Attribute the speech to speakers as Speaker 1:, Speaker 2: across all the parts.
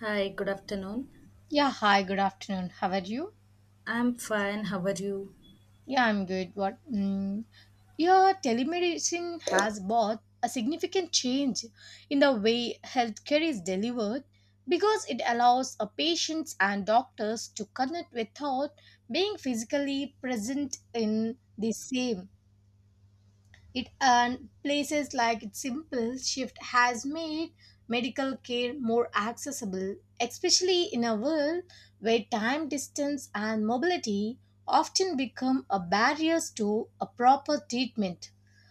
Speaker 1: Hi, good afternoon.
Speaker 2: Yeah, hi, good afternoon. How are you?
Speaker 1: I'm fine. How are you?
Speaker 2: Yeah, I'm good. What? Mm, yeah, telemedicine has brought a significant change in the way healthcare is delivered because it allows a patients and doctors to connect without being physically present in the same It and places like its simple shift has made medical care more accessible, especially in a world where time, distance, and mobility often become a barriers to a proper treatment.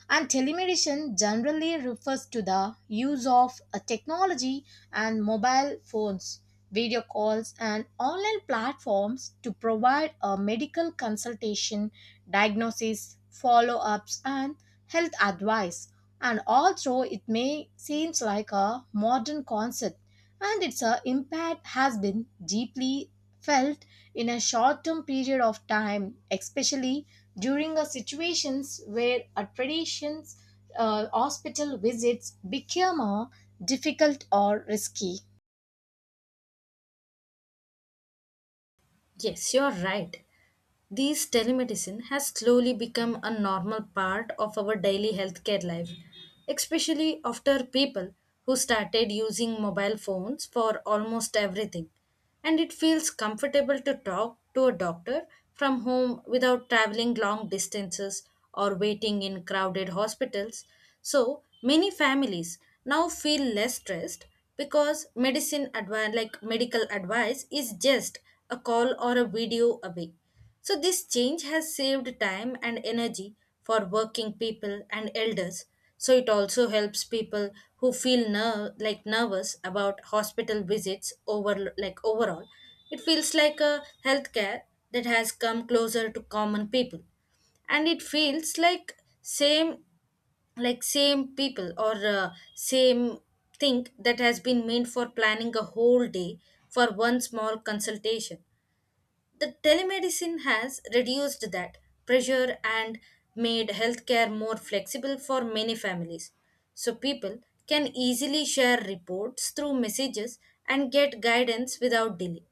Speaker 2: And telemedicine generally refers to the use of a technology and mobile phones, video calls, and online platforms to provide a medical consultation diagnosis, follow ups, and health advice. And although it may seems like a modern concept, and its impact has been deeply felt in a short term period of time, especially during a situations where a tradition's hospital visits become difficult or risky.
Speaker 1: Yes, you're right. These telemedicine has slowly become a normal part of our daily healthcare life, especially after people who started using mobile phones for almost everything. And it feels comfortable to talk to a doctor from home without traveling long distances or waiting in crowded hospitals. So many families now feel less stressed because medicine advi- like medical advice is just a call or a video away. So, this change has saved time and energy for working people and elders. So, it also helps people who feel nervous about hospital visits over overall. It feels like a healthcare that has come closer to common people, and it feels like same people or same thing that has been meant for planning a whole day for one small consultation. The telemedicine has reduced that pressure and made healthcare more flexible for many families. So people can easily share reports through messages and get guidance without delay.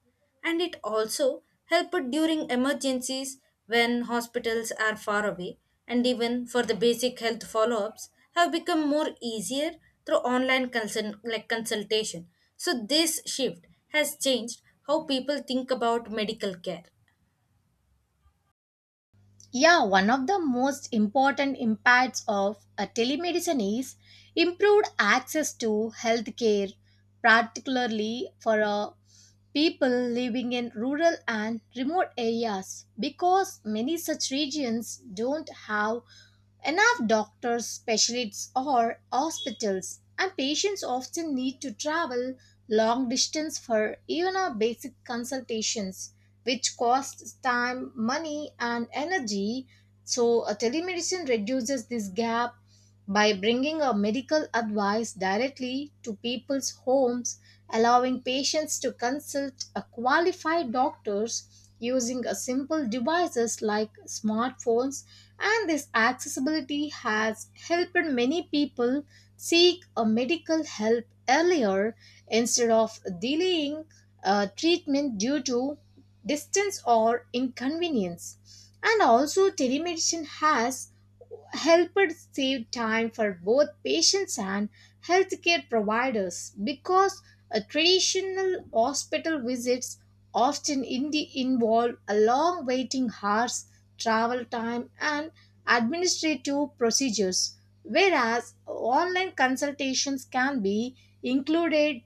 Speaker 1: And it also helped during emergencies when hospitals are far away, and even for the basic health follow-ups have become more easier through online consultation. So, this shift has changed how people think about medical care.
Speaker 2: Yeah, one of the most important impacts of telemedicine is improved access to healthcare, particularly for people living in rural and remote areas, because many such regions don't have enough doctors, specialists, or hospitals, and patients often need to travel long distance for even our basic consultations which costs time, money, and energy. So, a telemedicine reduces this gap by bringing a medical advice directly to people's homes, allowing patients to consult a qualified doctors using a simple devices like smartphones and this accessibility has helped many people seek a medical help earlier instead of delaying treatment due to distance or inconvenience. And also, telemedicine has helped save time for both patients and healthcare providers because a traditional hospital visits often involve a long waiting hours, travel time, and administrative procedures, whereas online consultations can be included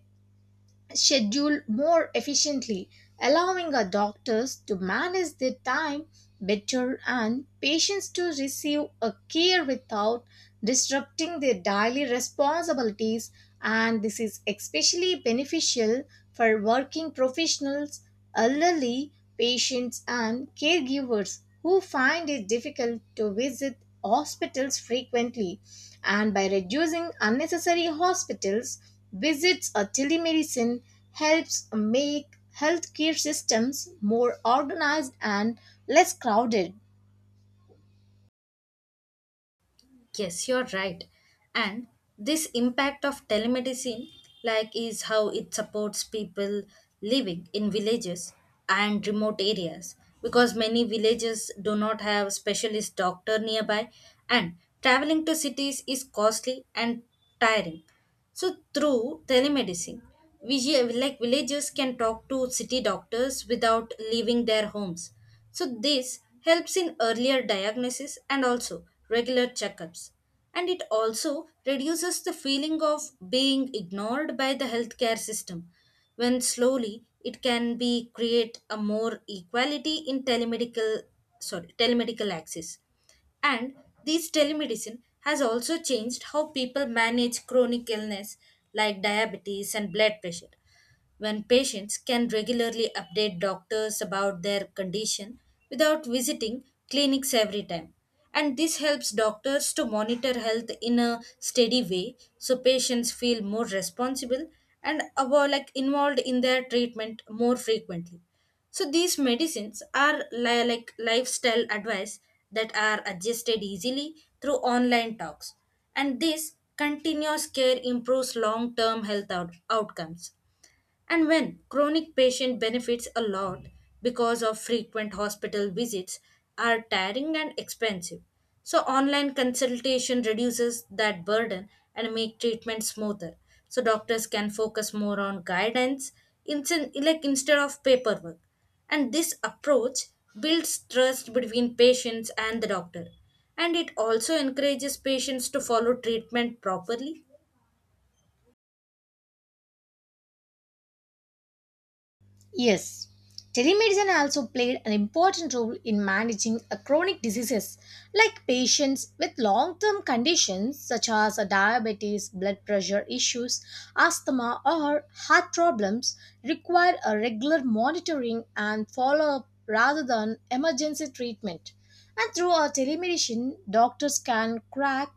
Speaker 2: schedule more efficiently, allowing our doctors to manage their time better and patients to receive a care without disrupting their daily responsibilities and this is especially beneficial for working professionals, elderly patients, and caregivers who find it difficult to visit hospitals frequently. And by reducing unnecessary hospitals visits or telemedicine helps make healthcare systems more organized and less crowded.
Speaker 1: Yes, you're right. And this impact of telemedicine, like, is how it supports people living in villages and remote areas, because many villages do not have specialist doctor nearby, and traveling to cities is costly and tiring. So through telemedicine, villagers can talk to city doctors without leaving their homes. So this helps in earlier diagnosis and also regular checkups. And it also reduces the feeling of being ignored by the healthcare system, when slowly it can be create a more equality in telemedical, sorry, telemedical access. And this telemedicine has also changed how people manage chronic illness like diabetes and blood pressure, when patients can regularly update doctors about their condition without visiting clinics every time. And this helps doctors to monitor health in a steady way, so patients feel more responsible and involved in their treatment more frequently. So these medicines are like lifestyle advice that are adjusted easily through online talks. And this continuous care improves long term health outcomes, and when chronic patient benefits a lot because of frequent hospital visits are tiring and expensive. So online consultation reduces that burden and make treatment smoother. So doctors can focus more on guidance, instead of paperwork. And this approach builds trust between patients and the doctor. And it also encourages patients to follow treatment properly.
Speaker 2: Yes, telemedicine also played an important role in managing a chronic diseases like patients with long term conditions such as a diabetes, blood pressure issues, asthma, or heart problems require a regular monitoring and follow up rather than emergency treatment. And through our telemedicine, doctors can crack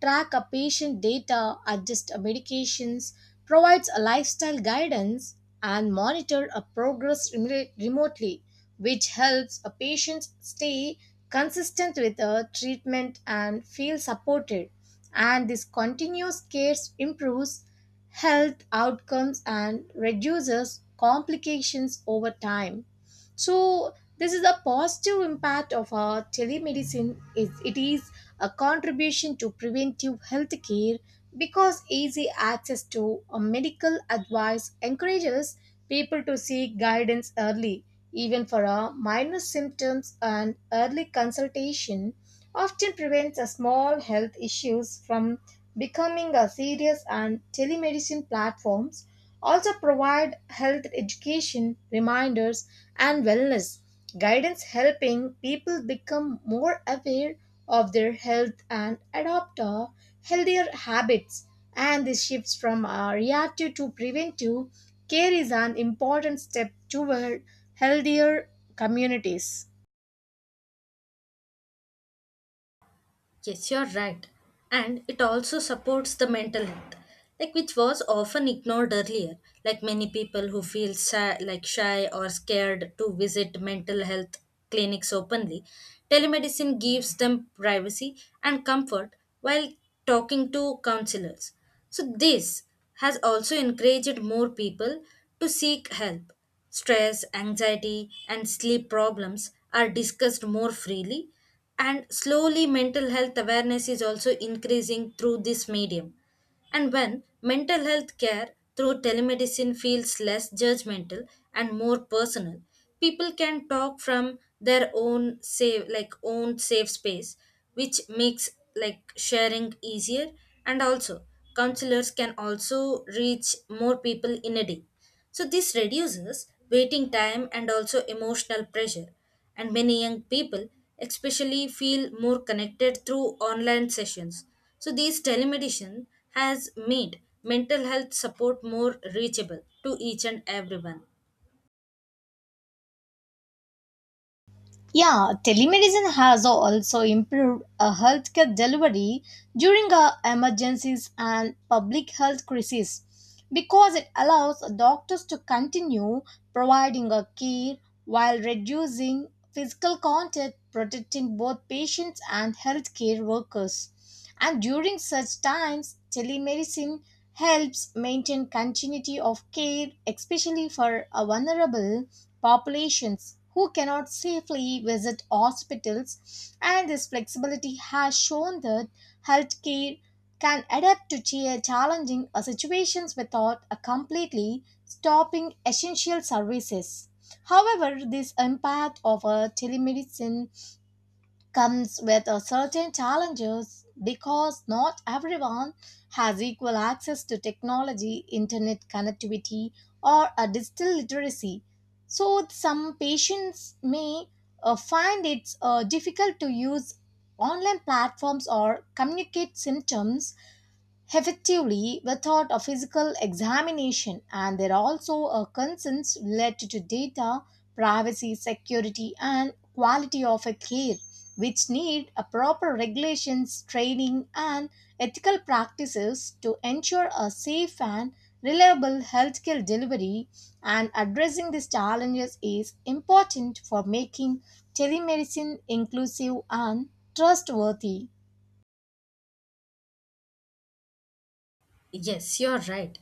Speaker 2: track a patient data, adjust medications, provides a lifestyle guidance, and monitor a progress remotely, which helps a patient stay consistent with the treatment and feel supported. And this continuous care improves health outcomes and reduces complications over time, so this is a positive impact of our telemedicine is it is a contribution to preventive health care because easy access to a medical advice encourages people to seek guidance early even for a minor symptoms and early consultation often prevents a small health issues from becoming a serious and telemedicine platforms also provide health education reminders and wellness guidance helping people become more aware of their health and adopt healthier habits and this shifts from reactive to preventive care is an important step toward healthier communities.
Speaker 1: Yes, you're right. And it also supports the mental health, like which was often ignored earlier. Like many people who feel shy or scared to visit mental health clinics openly, telemedicine gives them privacy and comfort while talking to counselors. So this has also encouraged more people to seek help. Stress, anxiety, and sleep problems are discussed more freely, and slowly mental health awareness is also increasing through this medium. And when mental health care through telemedicine feels less judgmental and more personal, people can talk from their own safe space, which makes sharing easier. And also counselors can also reach more people in a day, so this reduces waiting time and also emotional pressure. And many young people especially feel more connected through online sessions. So these telemedicine has made mental health support more reachable to each and everyone.
Speaker 2: Yeah, telemedicine has also improved healthcare delivery during emergencies and public health crises because it allows doctors to continue providing a care while reducing physical contact, protecting both patients and healthcare workers. And during such times, telemedicine helps maintain continuity of care, especially for a vulnerable populations who cannot safely visit hospitals, and this flexibility has shown that healthcare can adapt to challenging situations without completely stopping essential services. However, this impact of telemedicine comes with a certain challenges because not everyone has equal access to technology, internet connectivity, or a digital literacy. So some patients may find it difficult to use online platforms or communicate symptoms effectively, without a physical examination, and there are also concerns related to data, privacy, security, and quality of a care, which need a proper regulations, training, and ethical practices to ensure a safe and reliable healthcare delivery. And addressing these challenges is important for making telemedicine inclusive and trustworthy.
Speaker 1: Yes, you're right.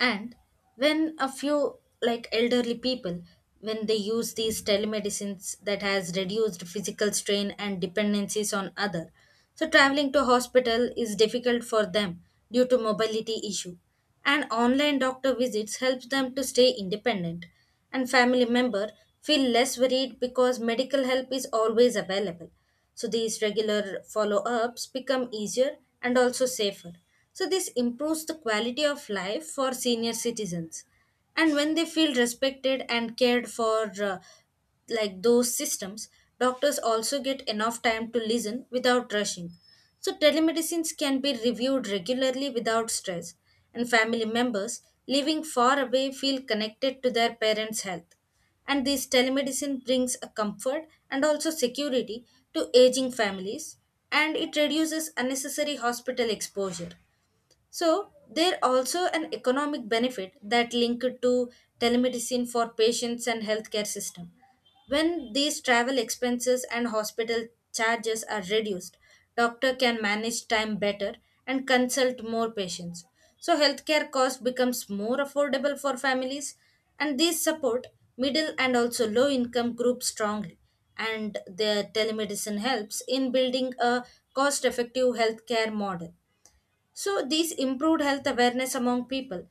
Speaker 1: And when a few like elderly people when they use these telemedicines, that has reduced physical strain and dependencies on other. So traveling to hospital is difficult for them due to mobility issue, and online doctor visits helps them to stay independent, and family member feel less worried because medical help is always available. So these regular follow ups become easier and also safer, so this improves the quality of life for senior citizens. And when they feel respected and cared for, like those systems, doctors also get enough time to listen without rushing. So, telemedicines can be reviewed regularly without stress, and family members living far away feel connected to their parents' health. And this telemedicine brings a comfort and also security to aging families, and it reduces unnecessary hospital exposure. So there also an economic benefit that linked to telemedicine for patients and healthcare system. When these travel expenses and hospital charges are reduced, doctor can manage time better and consult more patients. So healthcare cost becomes more affordable for families, and these support middle and also low income groups strongly. And the telemedicine helps in building a cost effective healthcare model, so these improved health awareness among people.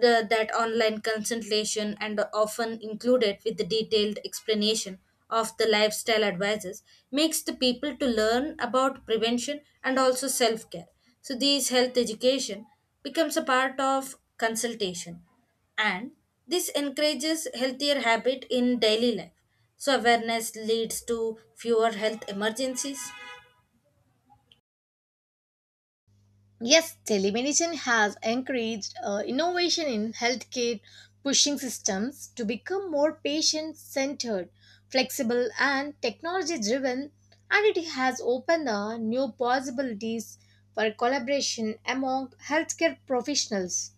Speaker 1: The, that online consultation and often included with the detailed explanation of the lifestyle advices makes the people to learn about prevention and also self-care. So these health education becomes a part of consultation, and this encourages healthier habit in daily life. So awareness leads to fewer health emergencies.
Speaker 2: Yes, telemedicine has encouraged innovation in healthcare, pushing systems to become more patient centered, flexible, and technology driven, and it has opened the new possibilities for collaboration among healthcare professionals,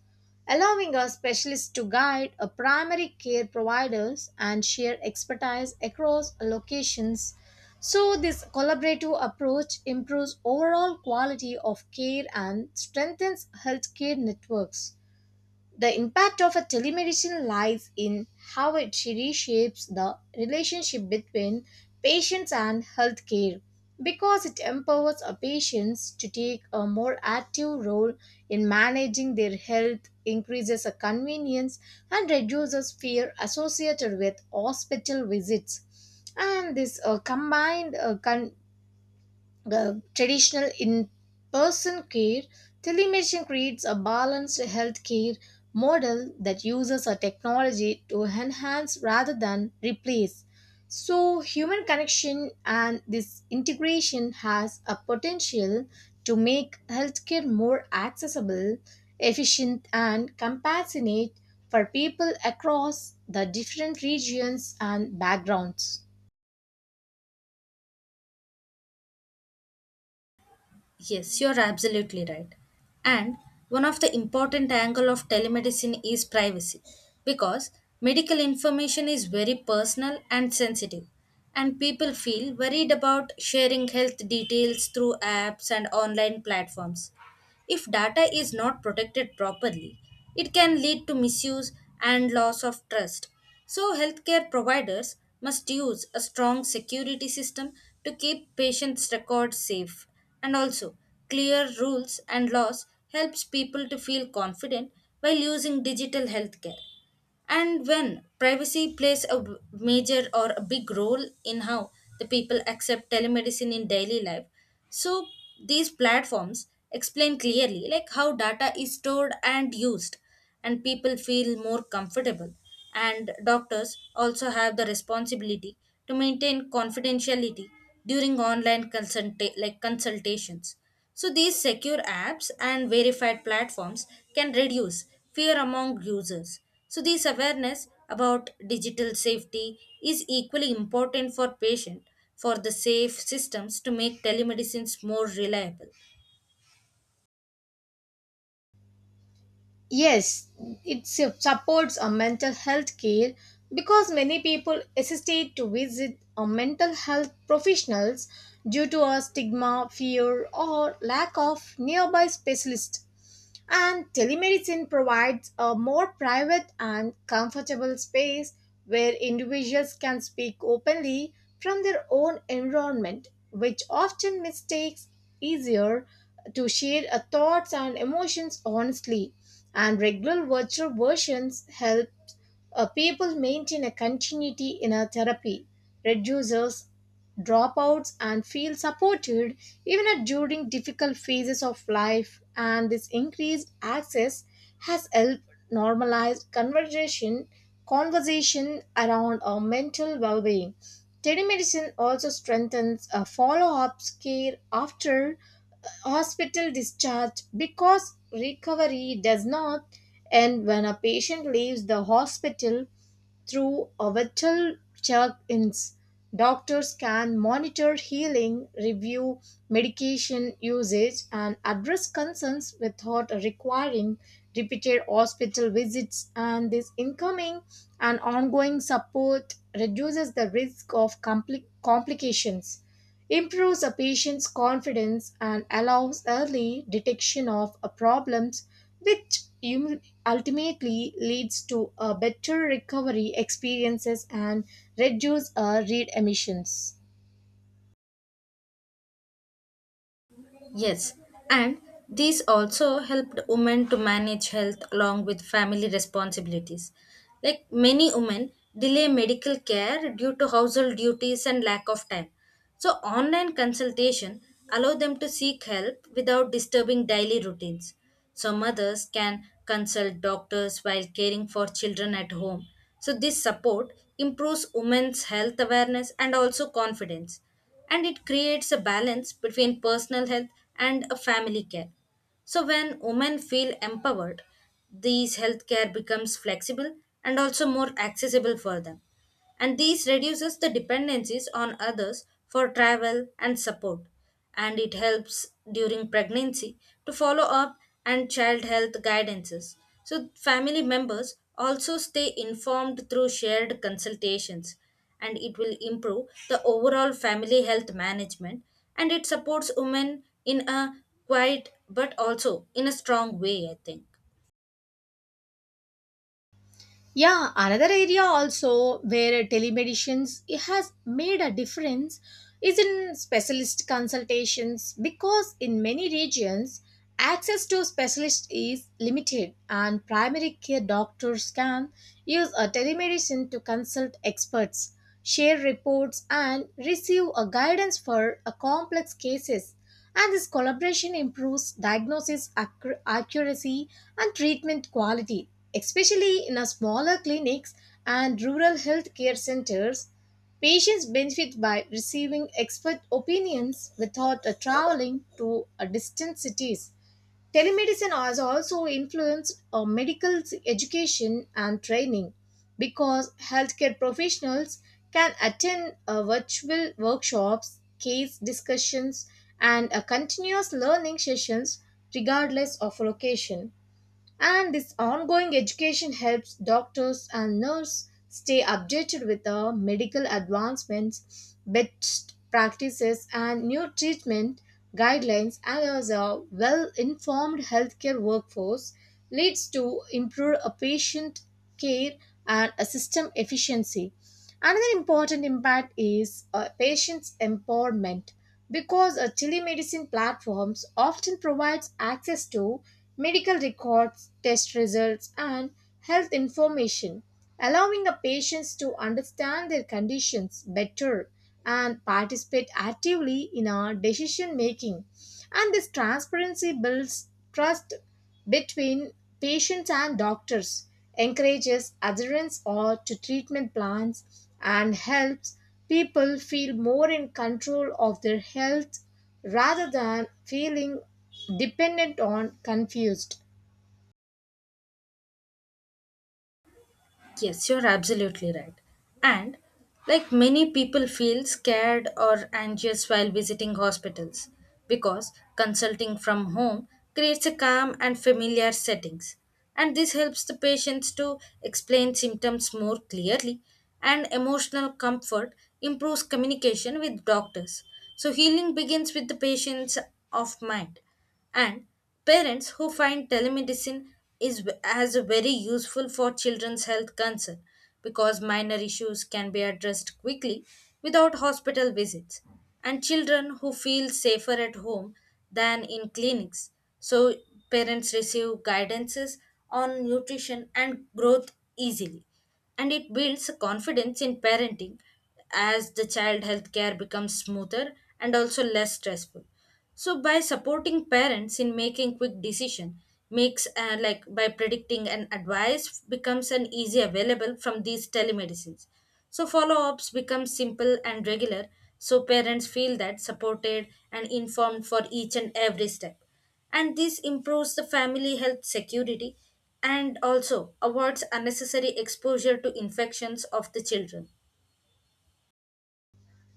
Speaker 2: allowing our specialists to guide a primary care providers and share expertise across locations so this collaborative approach improves overall quality of care and strengthens healthcare networks. The impact of a telemedicine lies in how it reshapes the relationship between patients and healthcare because it empowers a patients to take a more active role in managing their health, increases a convenience and reduces fear associated with hospital visits. And this combined the traditional in-person care, telemedicine creates a balanced healthcare model that uses a technology to enhance rather than replace. So human connection and this integration has a potential to make healthcare more accessible, efficient and compassionate for people across the different regions and backgrounds.
Speaker 1: Yes, you're absolutely right. And one of the important angle of telemedicine is privacy, because medical information is very personal and sensitive, and people feel worried about sharing health details through apps and online platforms. If data is not protected properly, it can lead to misuse and loss of trust. So, healthcare providers must use a strong security system to keep patients' records safe. And also, clear rules and laws helps people to feel confident while using digital healthcare. And when privacy plays a major or a big role in how the people accept telemedicine in daily life, so these platforms explain clearly like how data is stored and used, and people feel more comfortable. And doctors also have the responsibility to maintain confidentiality during online consultations. So, these secure apps and verified platforms can reduce fear among users. So, this awareness about digital safety is equally important for patients, for the safe systems to make telemedicines more reliable.
Speaker 2: Yes, it supports a mental health care because many people hesitate to visit a mental health professionals due to a stigma, fear, or lack of nearby specialists. And telemedicine provides a more private and comfortable space where individuals can speak openly from their own environment, which often mistakes easier to share thoughts and emotions honestly. And regular virtual versions help people maintain a continuity in a therapy, reduces dropouts and feel supported even at- during difficult phases of life and this increased access has helped normalize conversation around our mental well-being. Telemedicine also strengthens a follow-up care after hospital discharge because recovery does not end when a patient leaves the hospital through orbital check ins, doctors can monitor healing, review medication usage, and address concerns without requiring repeated hospital visits, and this incoming and ongoing support reduces the risk of complications, improves a patient's confidence, and allows early detection of problems, which ultimately leads to a better recovery experiences and reduce read emissions.
Speaker 1: Yes, and these also helped women to manage health along with family responsibilities. Like many women delay medical care due to household duties and lack of time. So online consultation allow them to seek help without disturbing daily routines. So mothers can consult doctors while caring for children at home. So this support improves women's health awareness and also confidence, and it creates a balance between personal health and a family care. So when women feel empowered, these healthcare becomes flexible and also more accessible for them. And this reduces the dependencies on others for travel and support. And it helps during pregnancy to follow up and child health guidances. So family members also stay informed through shared consultations, and it will improve the overall family health management, and it supports women in a quiet but also in a strong way, I think.
Speaker 2: Yeah, another area also where telemedicines it has made a difference is in specialist consultations because in many regions access to specialists is limited and primary care doctors can use a telemedicine to consult experts, share reports and receive a guidance for a complex cases and this collaboration improves diagnosis accuracy and treatment quality especially in a smaller clinics and rural healthcare centers patients benefit by receiving expert opinions without traveling to distant cities. Telemedicine has also influenced medical education and training because healthcare professionals can attend virtual workshops, case discussions, and continuous learning sessions regardless of location. And this ongoing education helps doctors and nurses stay updated with the medical advancements, best practices, and new treatment guidelines. And as a well informed healthcare workforce leads to improved patient care and a system efficiency. Another important impact is patients' empowerment because telemedicine platforms often provides access to medical records, test results, and health information, allowing the patients to understand their conditions better and participate actively in our decision making. And this transparency builds trust between patients and doctors, encourages adherence or to treatment plans, and helps people feel more in control of their health rather than feeling dependent on confused.
Speaker 1: Yes, you're absolutely right. And like many people feel scared or anxious while visiting hospitals, because consulting from home creates a calm and familiar settings. And this helps the patients to explain symptoms more clearly, and emotional comfort improves communication with doctors. So healing begins with the patient's of mind. And parents who find telemedicine is as very useful for children's health concern, because minor issues can be addressed quickly without hospital visits, and children who feel safer at home than in clinics. So parents receive guidances on nutrition and growth easily, and it builds confidence in parenting as the child health care becomes smoother and also less stressful. So by supporting parents in making quick decision makes, like by predicting and advice becomes an easy available from these telemedicines. So follow-ups become simple and regular, so parents feel that supported and informed for each and every step. And this improves the family health security and also avoids unnecessary exposure to infections of the children.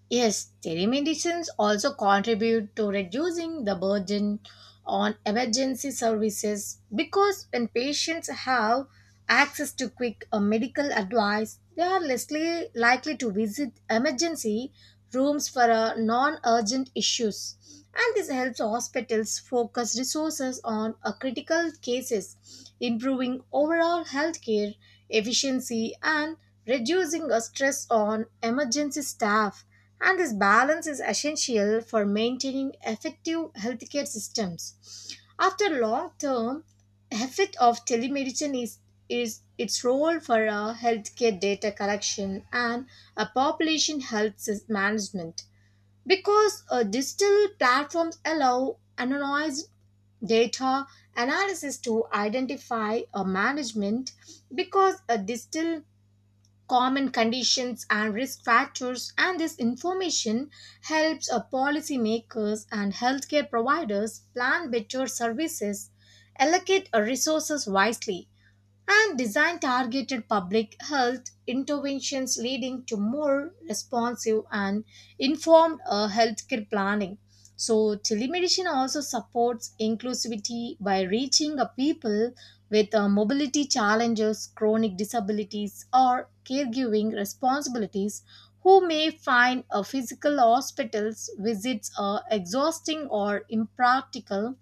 Speaker 2: Yes, telemedicines also contribute to reducing the burden on emergency services because when patients have access to quick medical advice, they are less likely to visit emergency rooms for non urgent issues. And this helps hospitals focus resources on critical cases, improving overall healthcare efficiency and reducing stress on emergency staff. And this balance is essential for maintaining effective healthcare systems. After long term, effect of telemedicine is its role for healthcare data collection and a population health management. Because digital platforms allow anonymized data analysis to identify a management because a digital common conditions and risk factors and this information helps a policymakers and healthcare providers plan better services allocate resources wisely and design targeted public health interventions leading to more responsive and informed healthcare planning. So, telemedicine also supports inclusivity by reaching a people with mobility challenges, chronic disabilities, or caregiving responsibilities who may find a physical hospital's visits are exhausting or impractical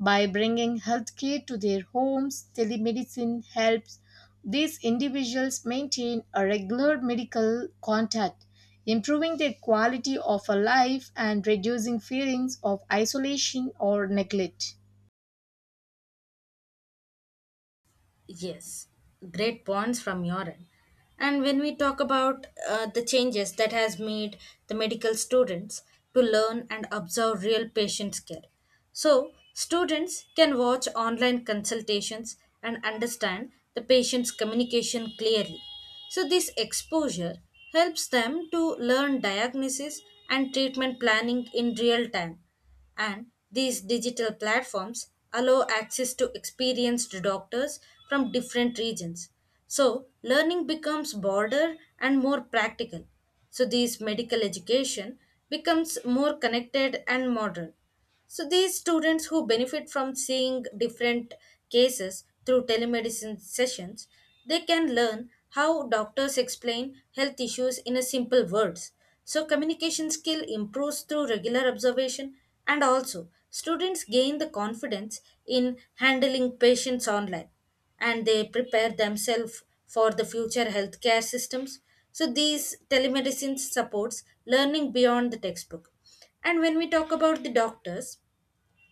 Speaker 2: by bringing healthcare to their homes telemedicine helps these individuals maintain a regular medical contact improving their quality of life and reducing feelings of isolation or neglect.
Speaker 1: Yes, great points from your end. And when we talk about the changes that has made the medical students to learn and observe real patient care. So, students can watch online consultations and understand the patient's communication clearly. So, this exposure helps them to learn diagnosis and treatment planning in real time. And these digital platforms allow access to experienced doctors from different regions. So, learning becomes broader and more practical. So, this medical education becomes more connected and modern. So these students who benefit from seeing different cases through telemedicine sessions, they can learn how doctors explain health issues in a simple words. So communication skill improves through regular observation, and also students gain the confidence in handling patients online, and they prepare themselves for the future healthcare systems. So these telemedicine supports learning beyond the textbook. And when we talk about the doctors,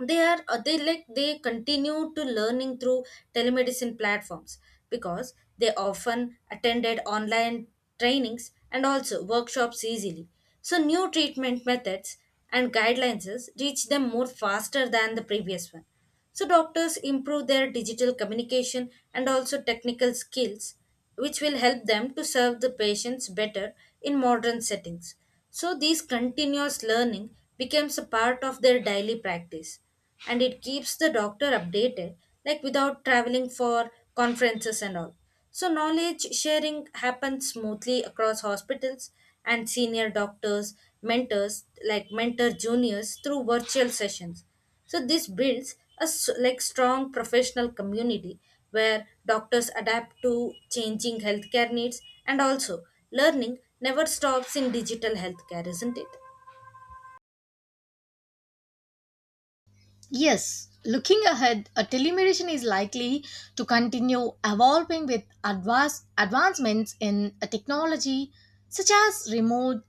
Speaker 1: they are they like they continue to learning through telemedicine platforms, because they often attended online trainings and also workshops easily. So new treatment methods and guidelines reach them more faster than the previous one. So doctors improve their digital communication and also technical skills, which will help them to serve the patients better in modern settings. So this continuous learning becomes a part of their daily practice, and it keeps the doctor updated like without traveling for conferences and all. So knowledge sharing happens smoothly across hospitals, and senior doctors, mentor juniors through virtual sessions. So this builds a strong professional community where doctors adapt to changing healthcare needs, and also learning never stops in digital healthcare, isn't it?
Speaker 2: Yes, looking ahead, a telemedicine is likely to continue evolving with advanced advancements in a technology such as remote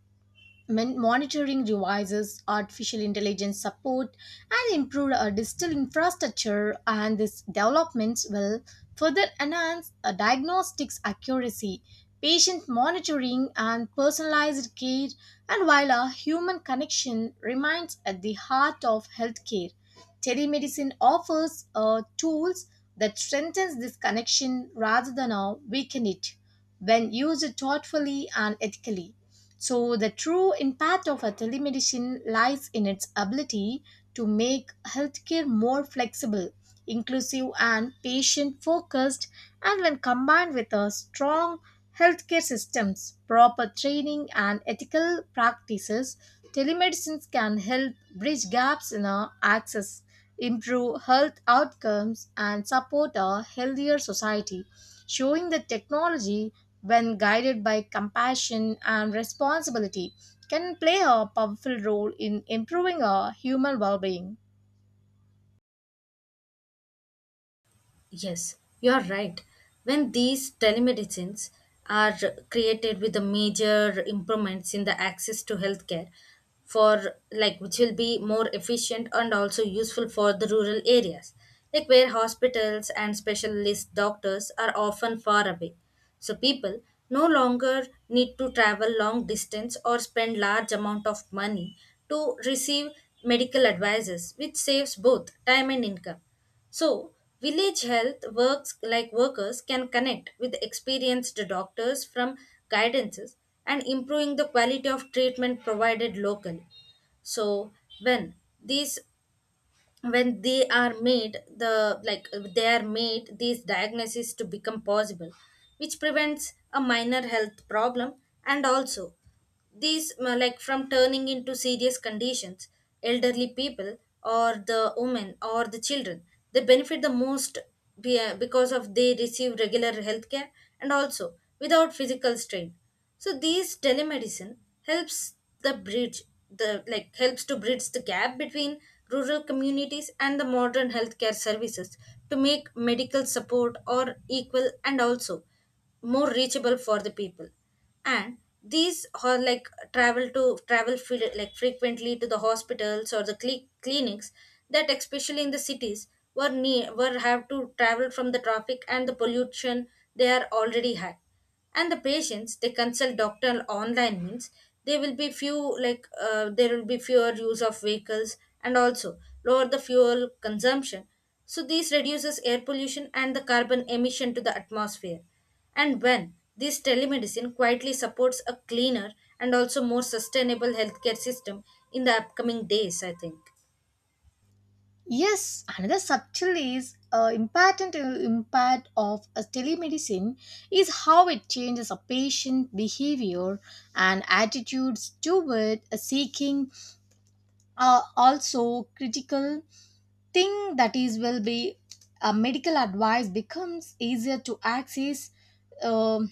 Speaker 2: Monitoring devices, artificial intelligence support, and improved digital infrastructure, and these developments will further enhance diagnostics accuracy, patient monitoring, and personalized care. And while a human connection remains at the heart of healthcare, telemedicine offers tools that strengthens this connection rather than weaken it when used thoughtfully and ethically. So, the true impact of a telemedicine lies in its ability to make healthcare more flexible, inclusive, and patient focused. And when combined with a strong healthcare systems, proper training, and ethical practices, telemedicines can help bridge gaps in our access improve health outcomes, and support a healthier society, showing that technology, when guided by compassion and responsibility, can play a powerful role in improving our human well being.
Speaker 1: Yes, you are right. When these telemedicines are created with the major improvements in the access to healthcare, for like which will be more efficient and also useful for the rural areas, like where hospitals and specialist doctors are often far away. So people no longer need to travel long distance or spend large amount of money to receive medical advices, which saves both time and income. So, village health works like workers can connect with experienced doctors from guidances and improving the quality of treatment provided locally. So, when these when they are made the like they are made these diagnoses to become possible, which prevents a minor health problem, and also these like from turning into serious conditions. Elderly people or the women or the children, they benefit the most because of they receive regular health care and also without physical strain. So these telemedicine helps the bridge the like helps to bridge the gap between rural communities and the modern healthcare services to make medical support or equal and also more reachable for the people. And these are like travel frequently to the hospitals or the clinics, that especially in the cities, were have to travel from the traffic and the pollution they are already had. And the patients, they consult doctor online means there will be few like there will be fewer use of vehicles and also lower the fuel consumption. So this reduces air pollution and the carbon emission to the atmosphere. And when this telemedicine quietly supports a cleaner and also more sustainable healthcare system in the upcoming days, I think.
Speaker 2: Yes, another subtle is important impact of a telemedicine is how it changes a patient behavior and attitudes toward a seeking are also critical thing that is will be medical advice becomes easier to access, um,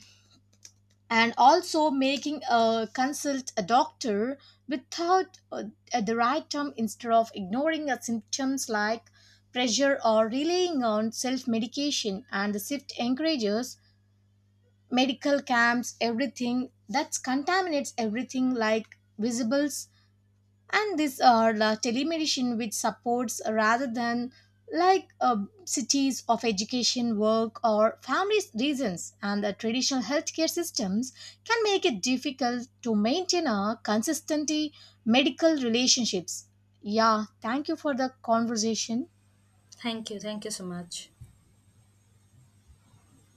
Speaker 2: and also making a consult a doctor without at the right time instead of ignoring the symptoms like pressure or relying on self-medication and the shift encourages medical camps everything that contaminates everything like visibles and these are the telemedicine which supports rather than like uh, cities of education work or family reasons and the traditional healthcare systems can make it difficult to maintain a consistently medical relationships. Yeah, thank you for the conversation.
Speaker 1: Thank you, thank you so much.